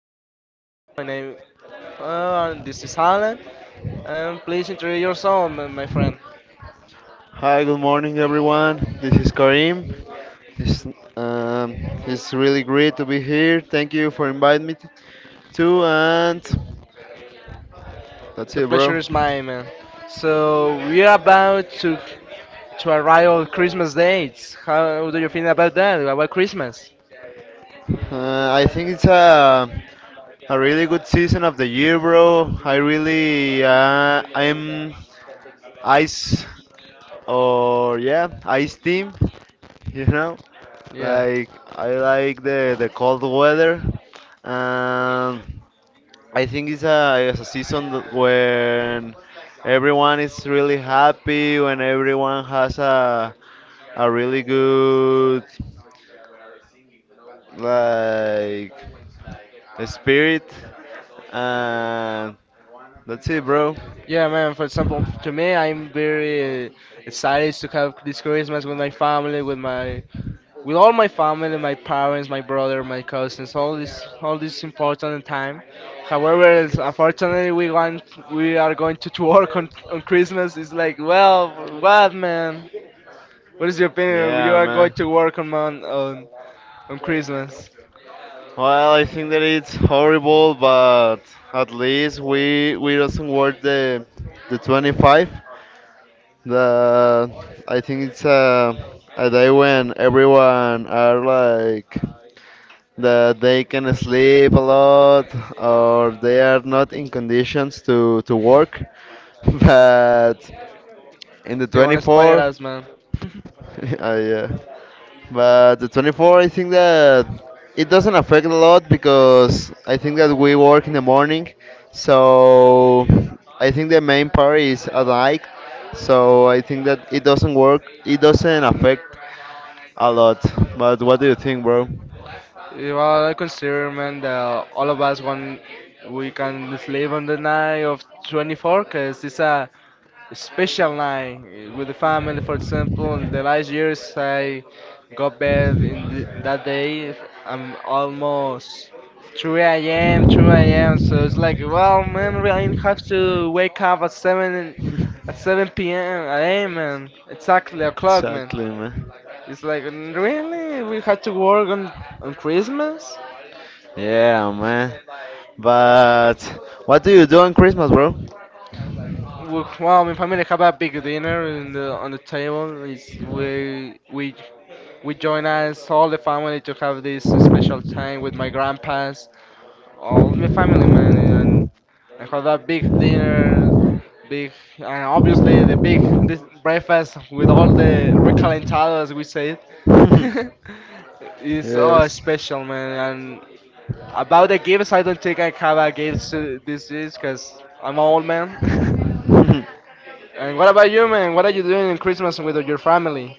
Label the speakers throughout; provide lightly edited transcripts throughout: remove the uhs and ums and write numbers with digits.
Speaker 1: with me right now. My name, and this is Alan. And please introduce yourself, my friend.
Speaker 2: Hi, good morning, everyone. This is Karim. It's, um, it's really great to be here. Thank you for inviting me too. And that's
Speaker 1: The
Speaker 2: it,
Speaker 1: pleasure
Speaker 2: bro.
Speaker 1: is mine, man. So we are about to arrive on Christmas dates. How do you feel about that? About Christmas?
Speaker 2: I think it's a really good season of the year, bro. I really I'm ice or yeah ice team. You know,
Speaker 1: Yeah.
Speaker 2: like I like the cold weather. Um, I think it's a season that when everyone is really happy, when everyone has a really good, like, spirit, and that's it, bro.
Speaker 1: Yeah, man. For example, to me, I'm very excited to have this Christmas with my family, with my with all my family, my parents, my brother, my cousins, all this important time. However, unfortunately, we want, we are going to work on Christmas. It's like, well, what, man? What is your opinion? You
Speaker 2: Yeah,
Speaker 1: are going
Speaker 2: man.
Speaker 1: to work on on Christmas.
Speaker 2: Well, I think that it's horrible, but at least we doesn't work the 25. The I think it's a day when everyone are like that they can sleep a lot or they are not in conditions to work. But in the
Speaker 1: They want to spoil
Speaker 2: 24,
Speaker 1: us, man.
Speaker 2: I, uh, but the 24, I think that it doesn't affect a lot because I think that we work in the morning. So I think the main part is at night. So I think that it doesn't work. It doesn't affect a lot. But what do you think, bro?
Speaker 1: Yeah, well, I consider, man, that all of us want we can sleep on the night of 24, cause it's a special night with the family. For example, in the last years I got bed in the, that day. I'm almost 3 a.m. 2 a.m. So it's like, well, man, we I have to wake up at 7 at 7 p.m. a.m. man. Exactly o'clock, man.
Speaker 2: Exactly, man.
Speaker 1: It's like, "Mm, really? We had to work on Christmas?
Speaker 2: Yeah, man. But what do you do on Christmas, bro?
Speaker 1: Well, well, if I have a big dinner in the, on the table, it's, we join us all the family to have this special time with my grandpas, all the family man, and I have a big dinner, big and obviously the big this breakfast with all the recalentado as we say it. It's all
Speaker 2: Yes.
Speaker 1: special man, and about the gifts, I don't think I have a gift to this is because I'm an old man. And what about you, man? What are you doing in Christmas with your family?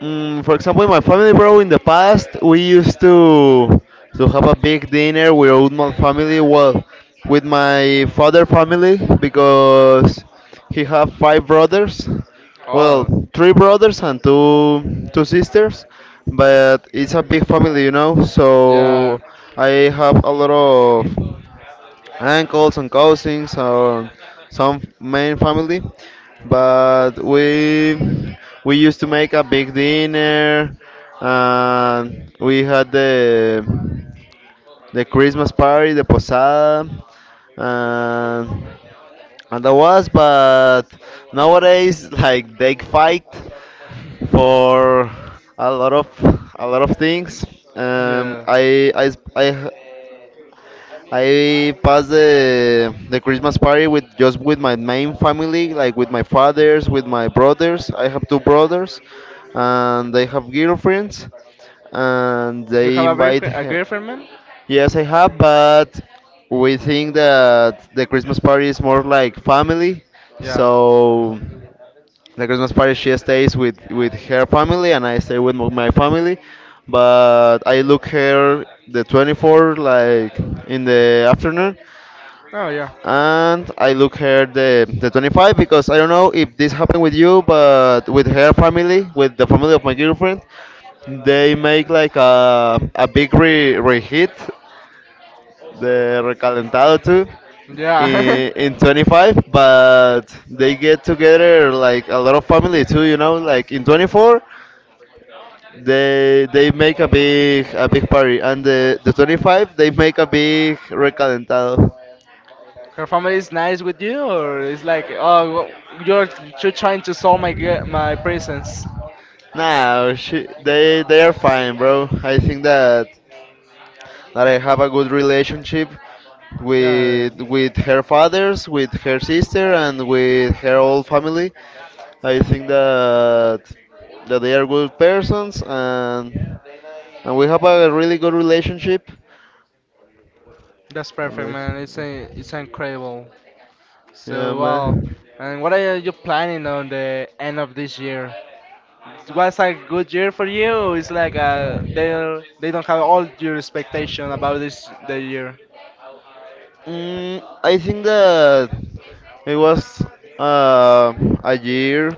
Speaker 2: For example, in my family, bro, in the past, we used to have a big dinner with all my family. Well, with my father family because he have five brothers. Well,
Speaker 1: Oh,
Speaker 2: three brothers and two sisters, but it's a big family, you know.
Speaker 1: yeah.
Speaker 2: So I have a lot of uncles and cousins or some main family. But we used to make a big dinner. And we had the Christmas party, the posada, and and that was. But nowadays, like they fight for a lot of a lot of things.
Speaker 1: Yeah.
Speaker 2: I s- I h- I passed the Christmas party with just with my main family, like with my fathers, with my brothers. I have two brothers, and they have girlfriends, and
Speaker 1: You
Speaker 2: they
Speaker 1: have
Speaker 2: invite
Speaker 1: a
Speaker 2: her.
Speaker 1: girlfriend, man?
Speaker 2: Yes, I have, but we think that the Christmas party is more like family.
Speaker 1: Yeah.
Speaker 2: So the Christmas party, she stays with her family, and I stay with my family. But I look her the 24, like in the afternoon,
Speaker 1: Oh yeah.
Speaker 2: and I look her the 25 because I don't know if this happened with you, but with her family, with the family of my girlfriend, they make like a big re reheat, the recalentado, too
Speaker 1: Yeah.
Speaker 2: in, 25, but they get together, like, a lot of family too, like in 24 they make a big party, and the 25 they make a big recalentado.
Speaker 1: Her family is nice with you, or it's like, oh, well, you're trying to solve my my presence.
Speaker 2: No, they are fine, bro. I think that I have a good relationship
Speaker 1: Yeah.
Speaker 2: with her fathers, with her sister, and with her whole family. I think that they are good persons, and we have a really good relationship.
Speaker 1: That's
Speaker 2: And
Speaker 1: perfect,
Speaker 2: I
Speaker 1: man. It's a,
Speaker 2: think-
Speaker 1: it's incredible.
Speaker 2: yeah,
Speaker 1: So wow,
Speaker 2: man.
Speaker 1: and what are you planning on the end of this year? It was a good year for you. It's like they don't have all your expectation about this the year.
Speaker 2: I think that it was uh, a year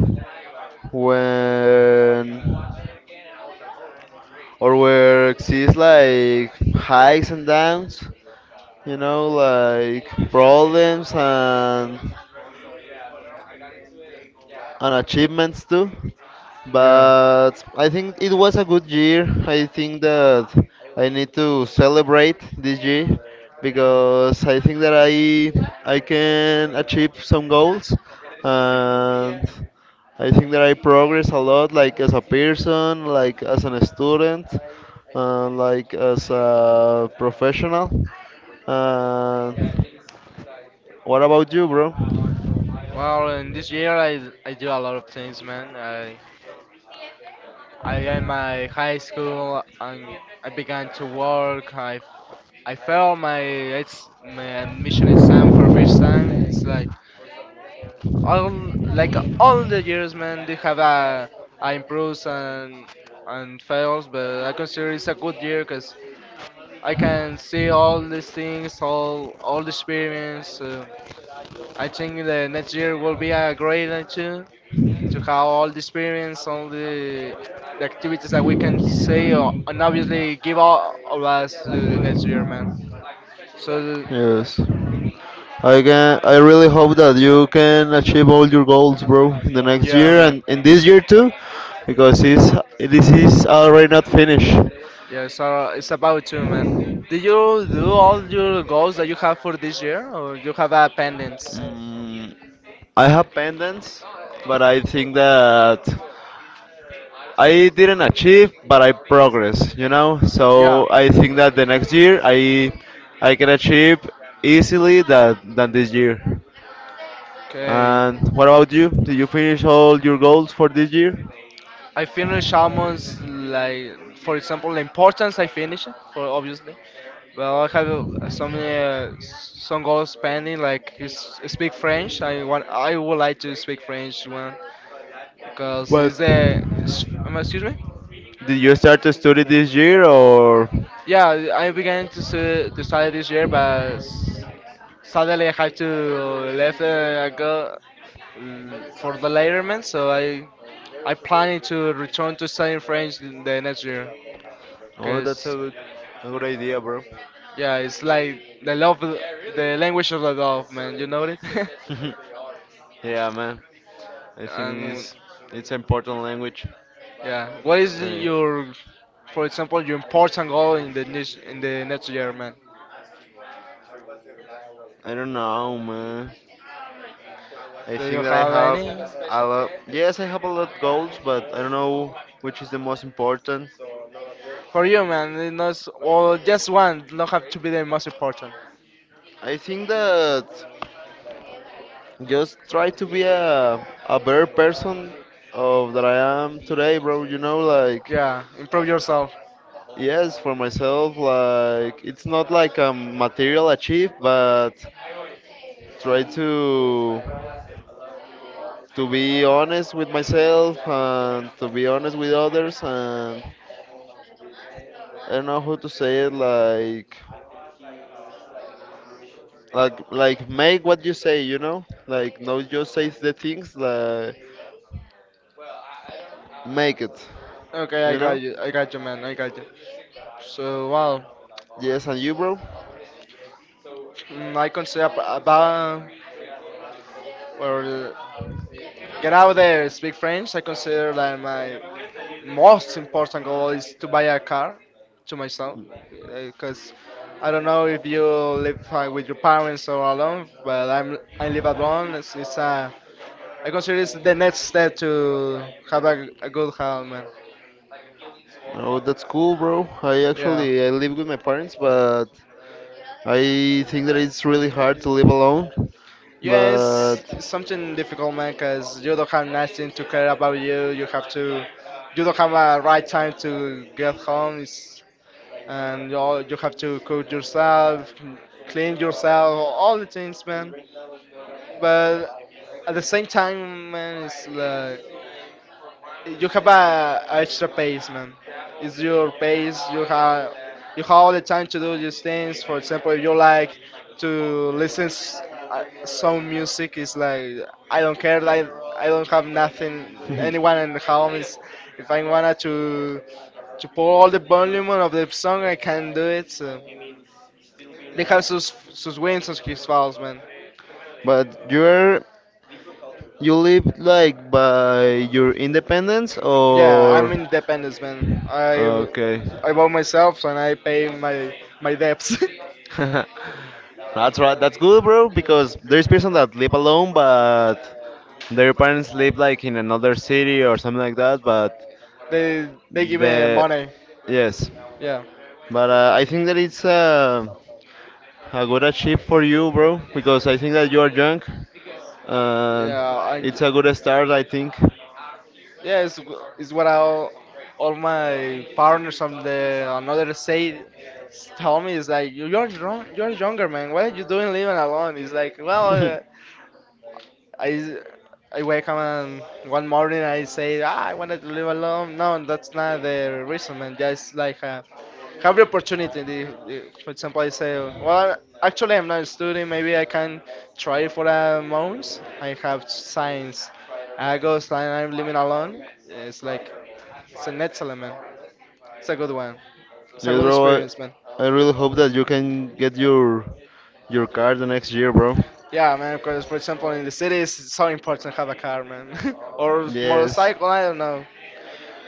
Speaker 2: when or where exists like highs and downs, like problems and achievements too.
Speaker 1: Yeah.
Speaker 2: But I think it was a good year. I think that I need to celebrate this year because I think that I can achieve some goals, and I think that I progress a lot, like as a person, like as an student, like as a professional. And what about you, bro?
Speaker 1: Well, in this year I do a lot of things, man. I am my high school and I began to work. I failed my ex my admission exam for first time. It's like all the years, man, they have a improves and fails, but I consider it's a good year because I can see all these things, all the experience. I think the next year will be a great one too, to have all the experience, all the activities that we can see, and obviously give all of us to the next year, man. So
Speaker 2: Yes, I can. I really hope that you can achieve all your goals, bro, in the next
Speaker 1: yeah,
Speaker 2: year
Speaker 1: man.
Speaker 2: and in this year too, because this is already not finished.
Speaker 1: Yeah, so it's about you, man. Did you do all your goals that you have for this year, or you have a pending?
Speaker 2: Mm, I have pendants, but I think that I didn't achieve, but I progress. You know,
Speaker 1: Yeah.
Speaker 2: so I think that the next year I can achieve easily that than this year.
Speaker 1: Okay.
Speaker 2: And what about you? Did you finish all your goals for this year?
Speaker 1: I finish almost like, for example, the importance I finish it for obviously. Well, I have some goals pending. Like speak French. I want. I would like to speak French when cause
Speaker 2: What?
Speaker 1: it's the excuse me.
Speaker 2: Did you start to study this year or?
Speaker 1: Yeah, I began to to study this year, but suddenly I had to left go for the later letterman, so I planning to return to studying French in the next year.
Speaker 2: Oh, that's a
Speaker 1: Cause
Speaker 2: good idea, bro.
Speaker 1: yeah, it's like the love, the language of the love, man. You know it.
Speaker 2: Of artists, yeah, man. I think
Speaker 1: And
Speaker 2: this it's an important language.
Speaker 1: yeah, what is
Speaker 2: Right.
Speaker 1: your for example, your important goal in the next year, man?
Speaker 2: I don't know, man. I
Speaker 1: Do you
Speaker 2: think that I
Speaker 1: have
Speaker 2: have
Speaker 1: any?
Speaker 2: a lot. Yes, I have a lot of goals, but I don't know which is the most important.
Speaker 1: For you, man, it not well, just one. Not have to be the most important.
Speaker 2: I think that just try to be a better person of that I am today, bro. Like,
Speaker 1: Yeah, improve yourself.
Speaker 2: yes, for myself, like, it's not like a material achieve, but try to be honest with myself and to be honest with others, and I don't know how to say it like make what you say, you know? Like, not just say the things, like, make it,
Speaker 1: Okay, I
Speaker 2: you know?
Speaker 1: got you. I got you, man. I got you. So, wow.
Speaker 2: Yes, and you, bro?
Speaker 1: I consider about or get out there, speak French. I consider that my most important goal is to buy a car to myself because I don't know if you live with your parents or alone, but I live alone. It's I consider it's the next step to have a good health, man.
Speaker 2: Oh, that's cool, bro. I
Speaker 1: Yeah.
Speaker 2: actually I live with my parents, but I think that it's really hard to live alone.
Speaker 1: Yes,
Speaker 2: But
Speaker 1: it's something difficult, man, because you don't have nothing to care about you. You have to, you don't have a right time to get home, it's, and you all, you have to cook yourself, clean yourself, all the things, man. But at the same time, man, it's like you have a extra pace, man. It's your pace. You have all the time to do these things. For example, if you like to listen some music. It's like I don't care. Like I don't have nothing. Anyone in the home is. If I wanna to pour all the volume of the song, I can do it. So. They have sus sus wins and his fouls, man.
Speaker 2: but you're you live like by your independence
Speaker 1: Yeah,
Speaker 2: or
Speaker 1: I'm independent, man.
Speaker 2: okay.
Speaker 1: I bought myself and I pay my debts.
Speaker 2: That's right. That's good, bro, because there's person that live alone, but their parents live like in another city or something like that, but
Speaker 1: They give me
Speaker 2: the
Speaker 1: money.
Speaker 2: yes.
Speaker 1: Yeah,
Speaker 2: But I think that it's a good achieve for you, bro, because I think that you are young. Uh,
Speaker 1: yeah. I'm,
Speaker 2: it's a good start, I think.
Speaker 1: yeah, it's what all my partners on the another state
Speaker 2: Yes,
Speaker 1: tell me. It's like you're young, you're younger, man. What are you doing living alone? It's like well, I I wake up and one morning I say ah, I wanted to live alone. No, that's not the reason, man. Just like have the opportunity. For example, I say, well, actually I'm not studying. Maybe I can try for a month. I have science. I go and I'm living alone. It's like it's an excellent man. It's a good one. It's a good
Speaker 2: bro.
Speaker 1: experience, man.
Speaker 2: I really hope that you can get your car the next year, bro.
Speaker 1: Yeah, man. Because for example, in the cities, it's so important to have a car, man, or
Speaker 2: Yes.
Speaker 1: motorcycle. I don't know.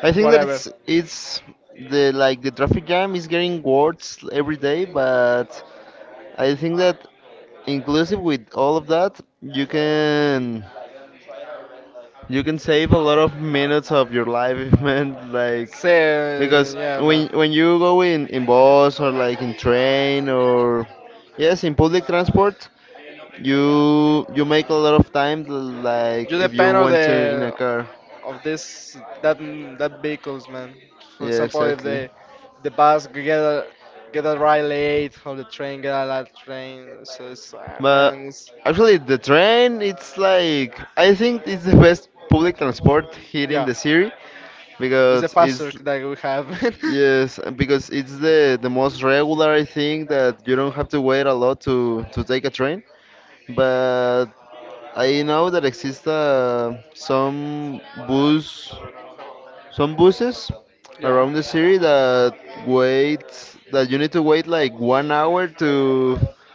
Speaker 2: I think that
Speaker 1: Whatever.
Speaker 2: it's the like the traffic jam is getting worse every day, but I think that inclusive with all of that, you can save a lot of minutes of your life, man. Like,
Speaker 1: So
Speaker 2: because
Speaker 1: yeah,
Speaker 2: when
Speaker 1: man.
Speaker 2: when you go in bus, or like, in train, or yes, in public transport, you make a lot of time. Like
Speaker 1: You
Speaker 2: if you
Speaker 1: depend on
Speaker 2: went to in a
Speaker 1: the
Speaker 2: car.
Speaker 1: of this that that vehicles, man. For
Speaker 2: Yeah,
Speaker 1: example, if
Speaker 2: exactly.
Speaker 1: the the bus get a ride late, or the train get a late train, so it's ah,
Speaker 2: But
Speaker 1: man, it's
Speaker 2: actually, the train, it's like I think it's the best public transport here in
Speaker 1: yeah,
Speaker 2: the city
Speaker 1: it's the
Speaker 2: because
Speaker 1: faster
Speaker 2: it's
Speaker 1: that we have.
Speaker 2: yes, and because it's the most regular thing that you don't have to wait a lot to take a train. But I know that exist bus some buses around the city that wait, that you need to wait like 1 hour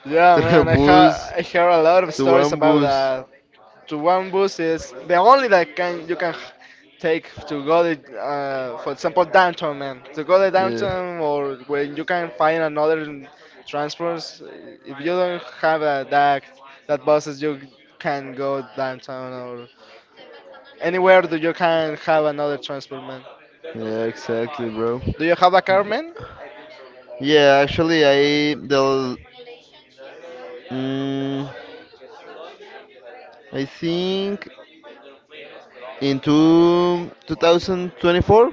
Speaker 1: Yeah,
Speaker 2: to the
Speaker 1: man, I minutes. Ha
Speaker 2: bus
Speaker 1: I hear a lot of
Speaker 2: to
Speaker 1: stories
Speaker 2: one
Speaker 1: about
Speaker 2: bus.
Speaker 1: that to one bus is the only that can you can take to go to, for example downtown man to go to
Speaker 2: Yeah.
Speaker 1: downtown or when you can find another transports if you don't have that that buses you can go downtown or anywhere that you can have another transport man
Speaker 2: Yeah, exactly, bro.
Speaker 1: do you have a car
Speaker 2: But-
Speaker 1: man
Speaker 2: Yeah, actually, mm, I think in 2024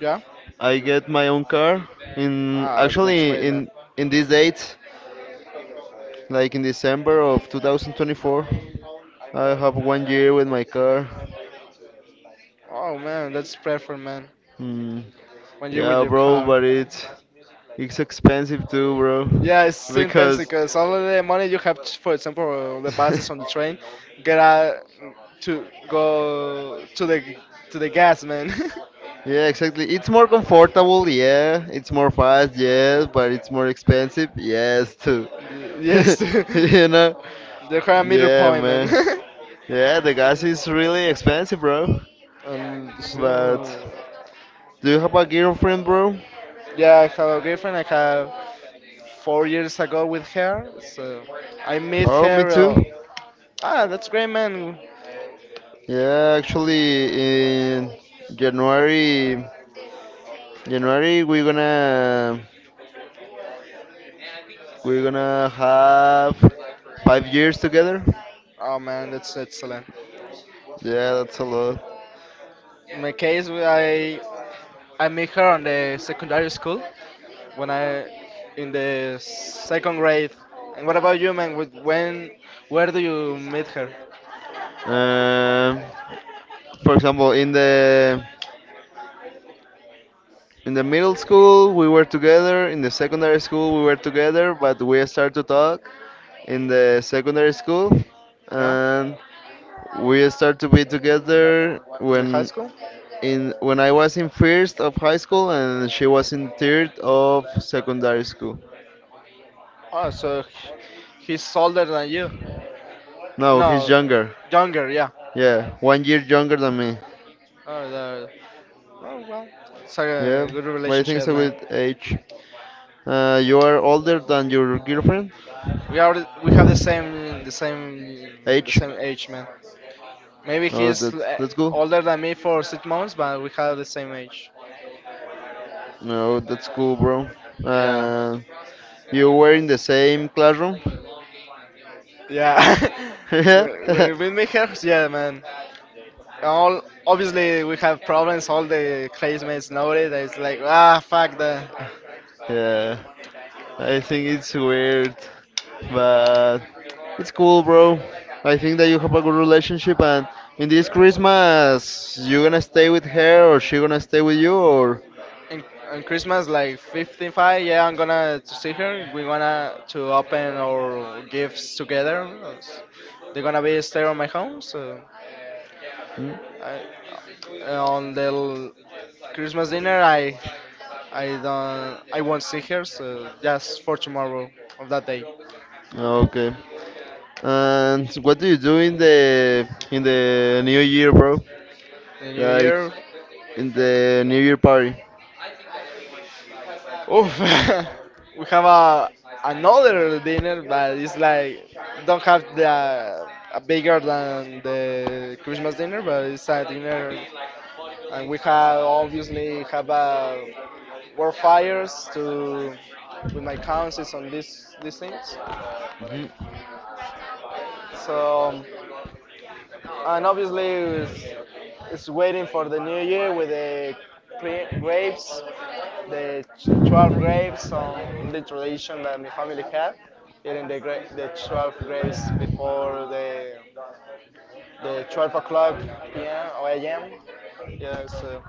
Speaker 1: yeah
Speaker 2: I get my own car. In
Speaker 1: ah that's
Speaker 2: Actually,
Speaker 1: great man
Speaker 2: in this date, like in December of 2024, I have 1 year with my car.
Speaker 1: oh man that's perfect man
Speaker 2: Mm,
Speaker 1: when you're with
Speaker 2: yeah,
Speaker 1: your
Speaker 2: bro,
Speaker 1: car.
Speaker 2: but it's expensive too, bro.
Speaker 1: Yeah, it's so expensive
Speaker 2: Because
Speaker 1: because all of the money you have, for example, the buses on the train, get out to go to the gas, man.
Speaker 2: yeah, exactly. It's more comfortable, yeah. It's more fast, yes, but it's more expensive, yes too.
Speaker 1: Yes,
Speaker 2: You
Speaker 1: the
Speaker 2: know?
Speaker 1: higher meter
Speaker 2: Yeah,
Speaker 1: point, man.
Speaker 2: man. Yeah, the gas is really expensive, bro.
Speaker 1: And,
Speaker 2: But
Speaker 1: so,
Speaker 2: do you have a girlfriend, bro?
Speaker 1: yeah, I have a girlfriend. I have 4 years ago with her. So I met
Speaker 2: Oh, me
Speaker 1: her.
Speaker 2: too.
Speaker 1: Ah, that's great, man.
Speaker 2: Yeah, actually, in January, January we're gonna have 5 years together.
Speaker 1: Oh man, that's excellent.
Speaker 2: Yeah, that's a lot.
Speaker 1: In my case, I met her on the secondary school when I in the second grade. And what about you, man? When where do you meet her?
Speaker 2: Um, for example, in the middle school, we were together. In the secondary school, we were together, but we started to talk in the secondary school,
Speaker 1: Yeah,
Speaker 2: and we started to be together
Speaker 1: in the high school.
Speaker 2: when I was in first of high school, and she was in third of secondary school.
Speaker 1: Oh, so he's older than you.
Speaker 2: No, he's
Speaker 1: No,
Speaker 2: younger.
Speaker 1: younger, yeah.
Speaker 2: Yeah, 1 year younger than me.
Speaker 1: Oh, the, oh well, it's like
Speaker 2: Yeah,
Speaker 1: a good
Speaker 2: but I think it's
Speaker 1: relationship,
Speaker 2: a
Speaker 1: man.
Speaker 2: good age. You are older than your girlfriend?
Speaker 1: We are we have the same the same the
Speaker 2: Age?
Speaker 1: same age, man. Maybe
Speaker 2: Oh,
Speaker 1: he's
Speaker 2: that's that's cool.
Speaker 1: older than me for 6 months, but we have the same age.
Speaker 2: No, that's cool, bro.
Speaker 1: Yeah,
Speaker 2: Uh, you were in the same classroom?
Speaker 1: yeah.
Speaker 2: Yeah.
Speaker 1: When we meet her, yeah, man. All obviously we have problems. All the classmates know it. It's like ah, fuck the.
Speaker 2: Yeah. I think it's weird, but it's cool, bro. I think that you have a good relationship, and in this Christmas, you gonna stay with her, or she gonna stay with you, or?
Speaker 1: In, on Christmas, like 55, yeah, I'm gonna to see her. We're gonna to open our gifts together. They're gonna be stay on my home, so
Speaker 2: Hmm?
Speaker 1: I on the Christmas dinner, I don't I won't see her, so just for tomorrow of that day.
Speaker 2: Okay. And what do you do in the New Year, bro?
Speaker 1: The New
Speaker 2: Like,
Speaker 1: Year.
Speaker 2: in the New Year party?
Speaker 1: Oof. We have a another dinner, but it's like don't have the a bigger than the Christmas dinner, but it's a dinner, and we have obviously have a war fires to with my cousins on these things.
Speaker 2: Mhm.
Speaker 1: So. And obviously it's waiting for the new year with the grapes, the 12 grapes on the tradition that my family had, eating the, the 12 grapes before the 12 o'clock p.m. or a.m. Yeah, so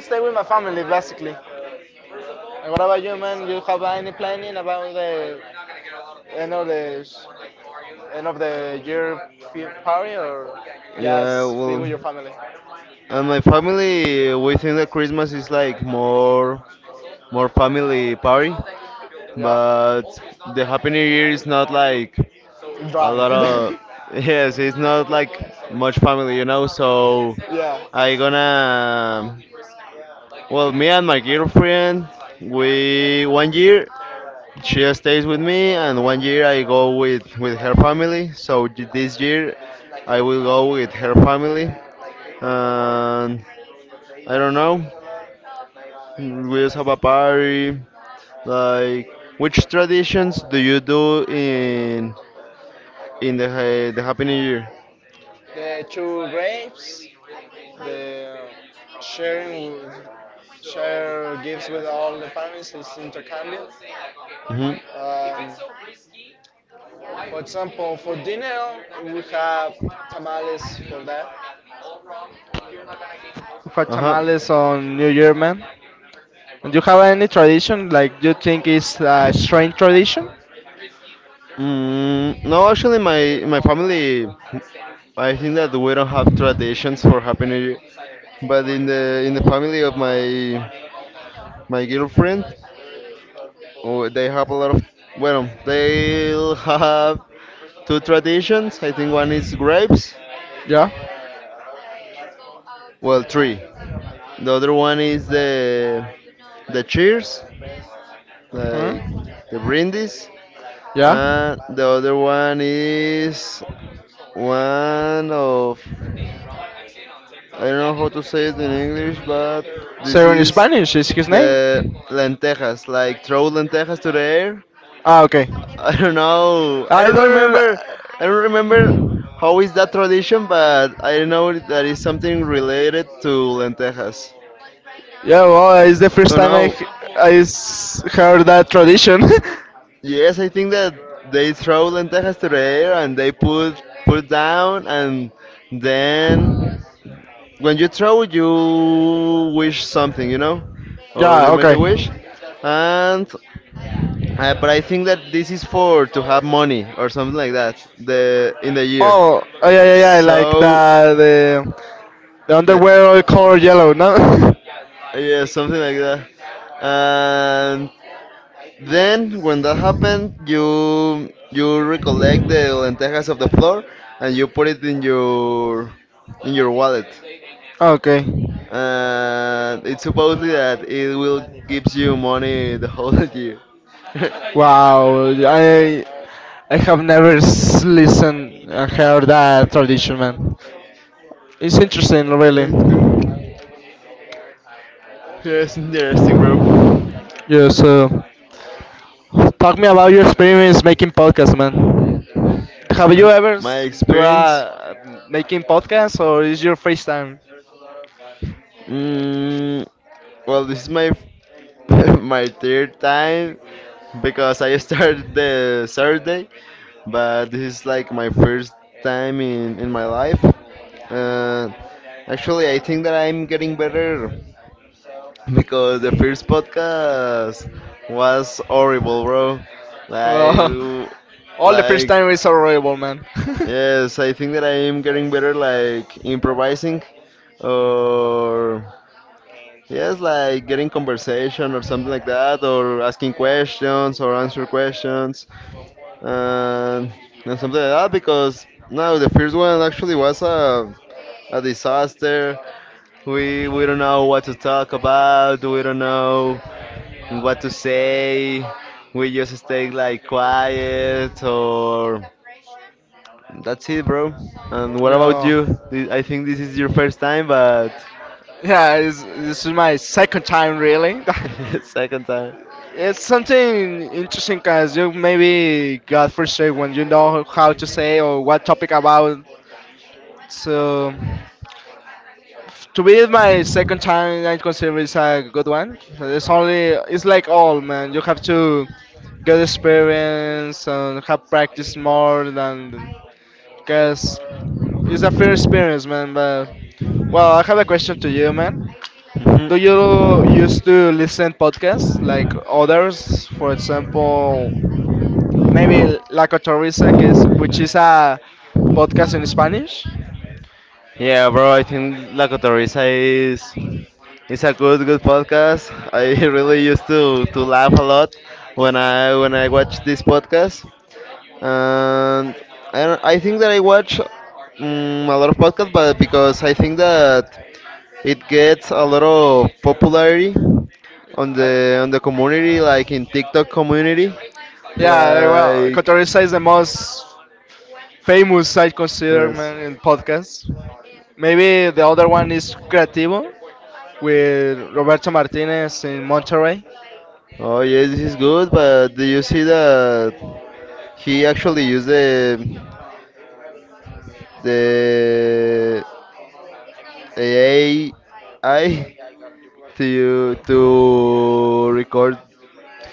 Speaker 1: stay with my family basically. And what about you, man? You have any planning about the end of the end of the year party or
Speaker 2: Yeah,
Speaker 1: just be
Speaker 2: well,
Speaker 1: with your family?
Speaker 2: and my family, we think that Christmas is like more, family party,
Speaker 1: Yeah.
Speaker 2: but the Happy New Year is not like
Speaker 1: So.
Speaker 2: a
Speaker 1: Drunk.
Speaker 2: lot of, yes, it's not like much family. So
Speaker 1: Yeah.
Speaker 2: I gonna, well, me and my girlfriend, we 1 year she stays with me, and 1 year I go with her family. So this year I will go with her family, and I don't know. We just have a party. Like, which traditions do you do in the the Happy New Year?
Speaker 1: The two grapes, the sharing share gifts with all the families is intercambio.
Speaker 2: Hmm.
Speaker 1: Um, for example, for dinner we have tamales for that. For
Speaker 2: Uh-huh.
Speaker 1: tamales on New Year, man. Do you have any tradition like you think is a strange tradition?
Speaker 2: No, actually, my family, I think that we don't have traditions for Happy New Year, but in the family of my girlfriend, oh, they have a lot of, well, they have two traditions. I think one is grapes, well, three. The other one is the cheers,
Speaker 1: Uh-huh.
Speaker 2: like the Brindis, and the other one is one of I don't know how to say it in English, but this
Speaker 1: So in
Speaker 2: is
Speaker 1: Spanish is his name?
Speaker 2: the lentejas, like, throw lentejas to the air.
Speaker 1: Ah, okay.
Speaker 2: I don't know. I
Speaker 1: I
Speaker 2: don't
Speaker 1: don't.
Speaker 2: remember. I don't remember how is that tradition, but I know that is something related to lentejas.
Speaker 1: Yeah, well, it's the first
Speaker 2: Oh
Speaker 1: time
Speaker 2: no.
Speaker 1: heard that tradition.
Speaker 2: Yes, I think that they throw lentejas to the air and they put down, and then when you throw, you wish something, or
Speaker 1: yeah.
Speaker 2: you make
Speaker 1: Okay.
Speaker 2: a wish, and but I think that this is for to have money or something like that the in the year.
Speaker 1: Oh, oh yeah, yeah, yeah. Like
Speaker 2: So
Speaker 1: the
Speaker 2: the
Speaker 1: underwear all color yellow, no?
Speaker 2: yeah, something like that, and then, when that happened, you recollect the lentejas of the floor and you put it in your wallet.
Speaker 1: okay.
Speaker 2: And it's supposedly that it will gives you money the whole year. Yeah,
Speaker 1: Wow, I have never listened and heard that tradition, man. It's interesting, really.
Speaker 2: it's good. Yeah, it's interesting, bro.
Speaker 1: Yeah, so. Talk me about your experience making podcasts, man. Have you ever
Speaker 2: My
Speaker 1: do
Speaker 2: experience.
Speaker 1: a making podcasts or is your first time?
Speaker 2: Mm, well, this is my f- my third time because I started the Saturday, but this is like my first time in my life. Uh, Actually, I think that I'm getting better because the first podcast was horrible, bro. Like,
Speaker 1: Well,
Speaker 2: w-
Speaker 1: all the first
Speaker 2: like,
Speaker 1: time is horrible, man.
Speaker 2: yes, I think that I am getting better, like improvising or yes, like getting conversation or something like that, or asking questions or answer questions, and, and something like that. Because no, the first one actually was a disaster. We don't know what to talk about. We don't know what to say. We just stay like quiet or that's it, bro. And what about
Speaker 1: yeah.
Speaker 2: you? I think this is your first time, but
Speaker 1: Yeah, this is my second time really.
Speaker 2: second time.
Speaker 1: It's something interesting because you maybe got frustrated when you know how to say or what topic about. So, to be my second time, I consider it's a good one. It's like all, man. You have to get experience and have practice because it's a fair experience, man. But, well, I have a question to you, man.
Speaker 2: Mhm.
Speaker 1: Do you used to listen podcasts like others? For example, maybe La Cotorrisa, which is a podcast in Spanish.
Speaker 2: Yeah, bro. I think La Cotorrisa is it's a good podcast. I really used to laugh a lot when I watch this podcast, and I don't, I think that I watch mm a lot of podcasts, but because I think that it gets a lot of popularity
Speaker 1: Uh,
Speaker 2: on the community, like in TikTok community.
Speaker 1: yeah, well,
Speaker 2: Like
Speaker 1: Cotorrisa is the most famous, I consider,
Speaker 2: yes.
Speaker 1: man, in podcasts. Maybe the other one is Creativo with Roberto Martinez in Monterrey.
Speaker 2: Oh yeah, this is good, but do you see that he actually used the AI to you to record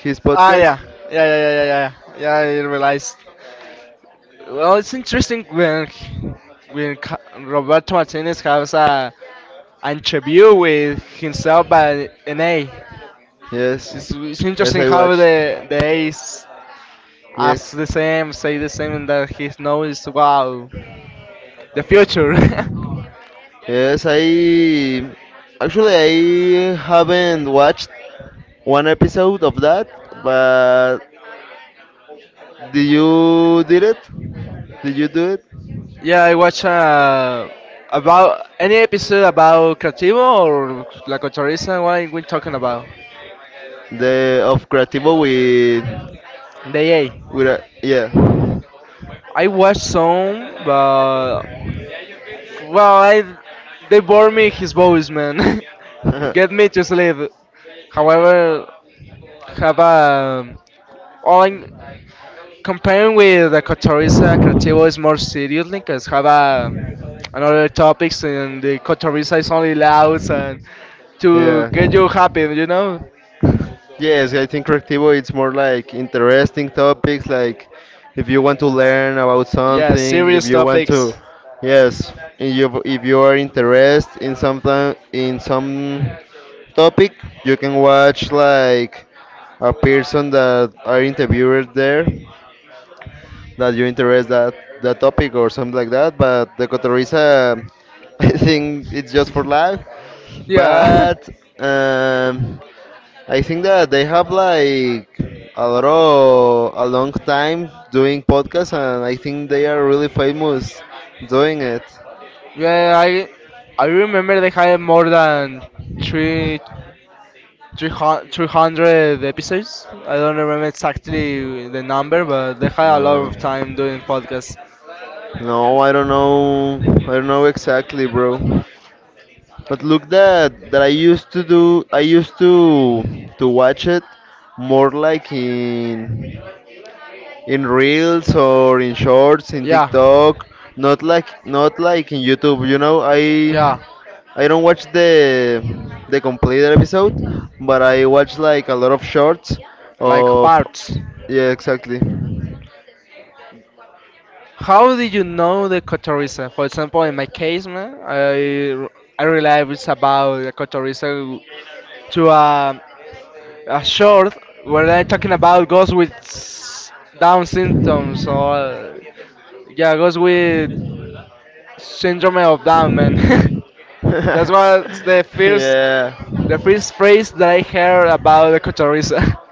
Speaker 2: his
Speaker 1: Ah,
Speaker 2: podcast?
Speaker 1: yeah. Yeah, yeah, yeah, yeah, yeah. Yeah, I realized. Well, it's interesting when Roberto Martinez has a an interview with himself by an A.
Speaker 2: Yes.
Speaker 1: It's
Speaker 2: Yes,
Speaker 1: interesting
Speaker 2: I
Speaker 1: how
Speaker 2: watched.
Speaker 1: the A's
Speaker 2: Yes.
Speaker 1: ask the same, say the same, and that he knows wow the future.
Speaker 2: Yes, I actually I haven't watched one episode of that, but did you did it? Did you do it?
Speaker 1: yeah, I watch about any episode about Creativo or La Cotorrisa. What are we talking about?
Speaker 2: The of Creativo
Speaker 1: The A.
Speaker 2: with a, yeah.
Speaker 1: I watched some, but well, I, they bore me his voice, man. Get me to sleep. However, have a all in, comparing with the Cotoriza, Creativo is more serious because have a another topics, and the Cotoriza is only loud and to get you
Speaker 2: Yeah.
Speaker 1: happy, you know.
Speaker 2: Yes, I think Creativo it's more like interesting topics like if you want to learn about
Speaker 1: Yeah,
Speaker 2: something, if
Speaker 1: serious
Speaker 2: you want
Speaker 1: topics.
Speaker 2: to yes, if you are interested in something in some topic, you can watch like a person that are interviewed there that you interest that that topic or something like that, but the cotoriza I think it's just for life.
Speaker 1: yeah.
Speaker 2: But um, I think that they have like a lot of a long time doing podcasts, and I think they are really famous doing it.
Speaker 1: Yeah, yeah, I remember they had more than three, 300 episodes. I don't remember exactly the number, but they had a lot
Speaker 2: No,
Speaker 1: of time doing podcasts.
Speaker 2: no, I don't know. I don't know exactly, bro. But look that that I used to do. I used to watch it more like in reels or in shorts in
Speaker 1: Yeah,
Speaker 2: TikTok. Not like in YouTube. You know, I
Speaker 1: yeah,
Speaker 2: I don't watch the complete episode, but I watch like a lot of shorts
Speaker 1: like
Speaker 2: of
Speaker 1: parts.
Speaker 2: yeah, exactly.
Speaker 1: How did you know the cotorrisa? For example, in my case, man, I realized it's about the cotorrisa to a short where I talking about goes with Down symptoms, or yeah goes with syndrome of Down, man. That was
Speaker 2: Yeah.
Speaker 1: the first phrase that I heard about the cotorriza.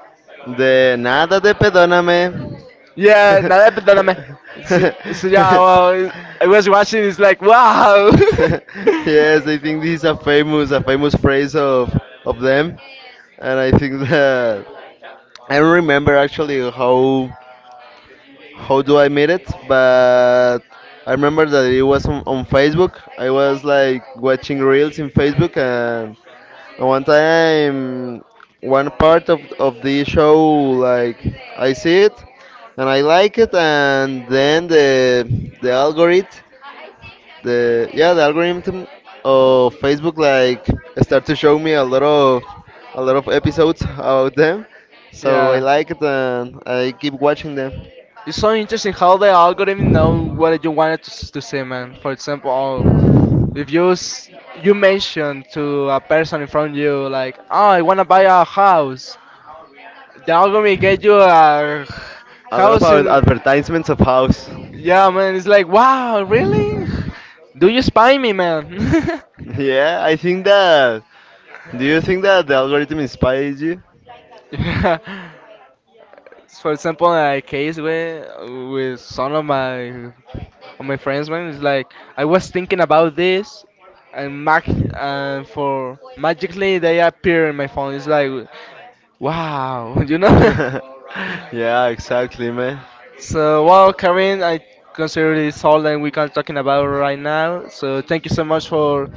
Speaker 2: De nada de perdóname.
Speaker 1: yeah, nada, perdóname. So, so yeah, well, I was watching. It's like wow.
Speaker 2: Yes, I think this is a famous phrase of them, and I think that I don't remember actually how do I meet it, but I remember that it was on Facebook. I was like watching reels in Facebook, and one time one part of the show like I see it, and I like it, and then the algorithm the yeah the algorithm of Facebook like start to show me a lot of episodes about them, so I
Speaker 1: Yeah.
Speaker 2: like it and I keep watching them.
Speaker 1: It's so interesting how the algorithm know what you wanted to, to see, man. For example, if you you mention to a person in front of you like, oh, I wanna buy a house, they're gonna get you a
Speaker 2: A lot of
Speaker 1: house
Speaker 2: ad-
Speaker 1: in.
Speaker 2: advertisements of house.
Speaker 1: Yeah, man, it's like, wow, really? Do you spy me, man?
Speaker 2: Yeah, I think that. Do you think that the algorithm inspires you?
Speaker 1: Yeah. For example, a case with some of my friends, man, it's like I was thinking about this, and mag for magically they appear in my phone. It's like, wow, you know.
Speaker 2: Yeah, exactly, man.
Speaker 1: So, well, Karen, I consider this all that we can talking about right now. So, thank you so much for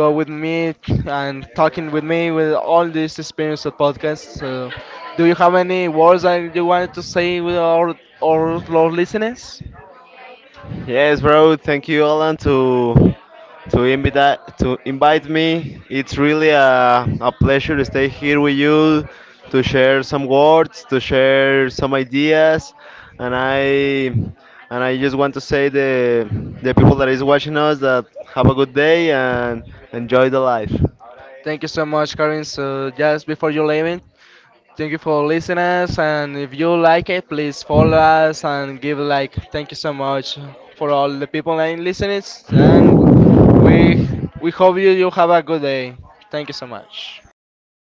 Speaker 1: go with me and talking with me with all this experience of podcast. So, do you have any words that you wanted to say with our listeners?
Speaker 2: Yes, bro. Thank you, Alan, to invite me. It's really a pleasure to stay here with you, to share some words, to share some ideas, and I and I just want to say the people that is watching us that have a good day and enjoy the life.
Speaker 1: Thank you so much, Karin. So just before you leaving, thank you for listening us, and if you like it, please follow us and give a like. Thank you so much for all the people and listeners, and we we hope you have a good day. Thank you so much.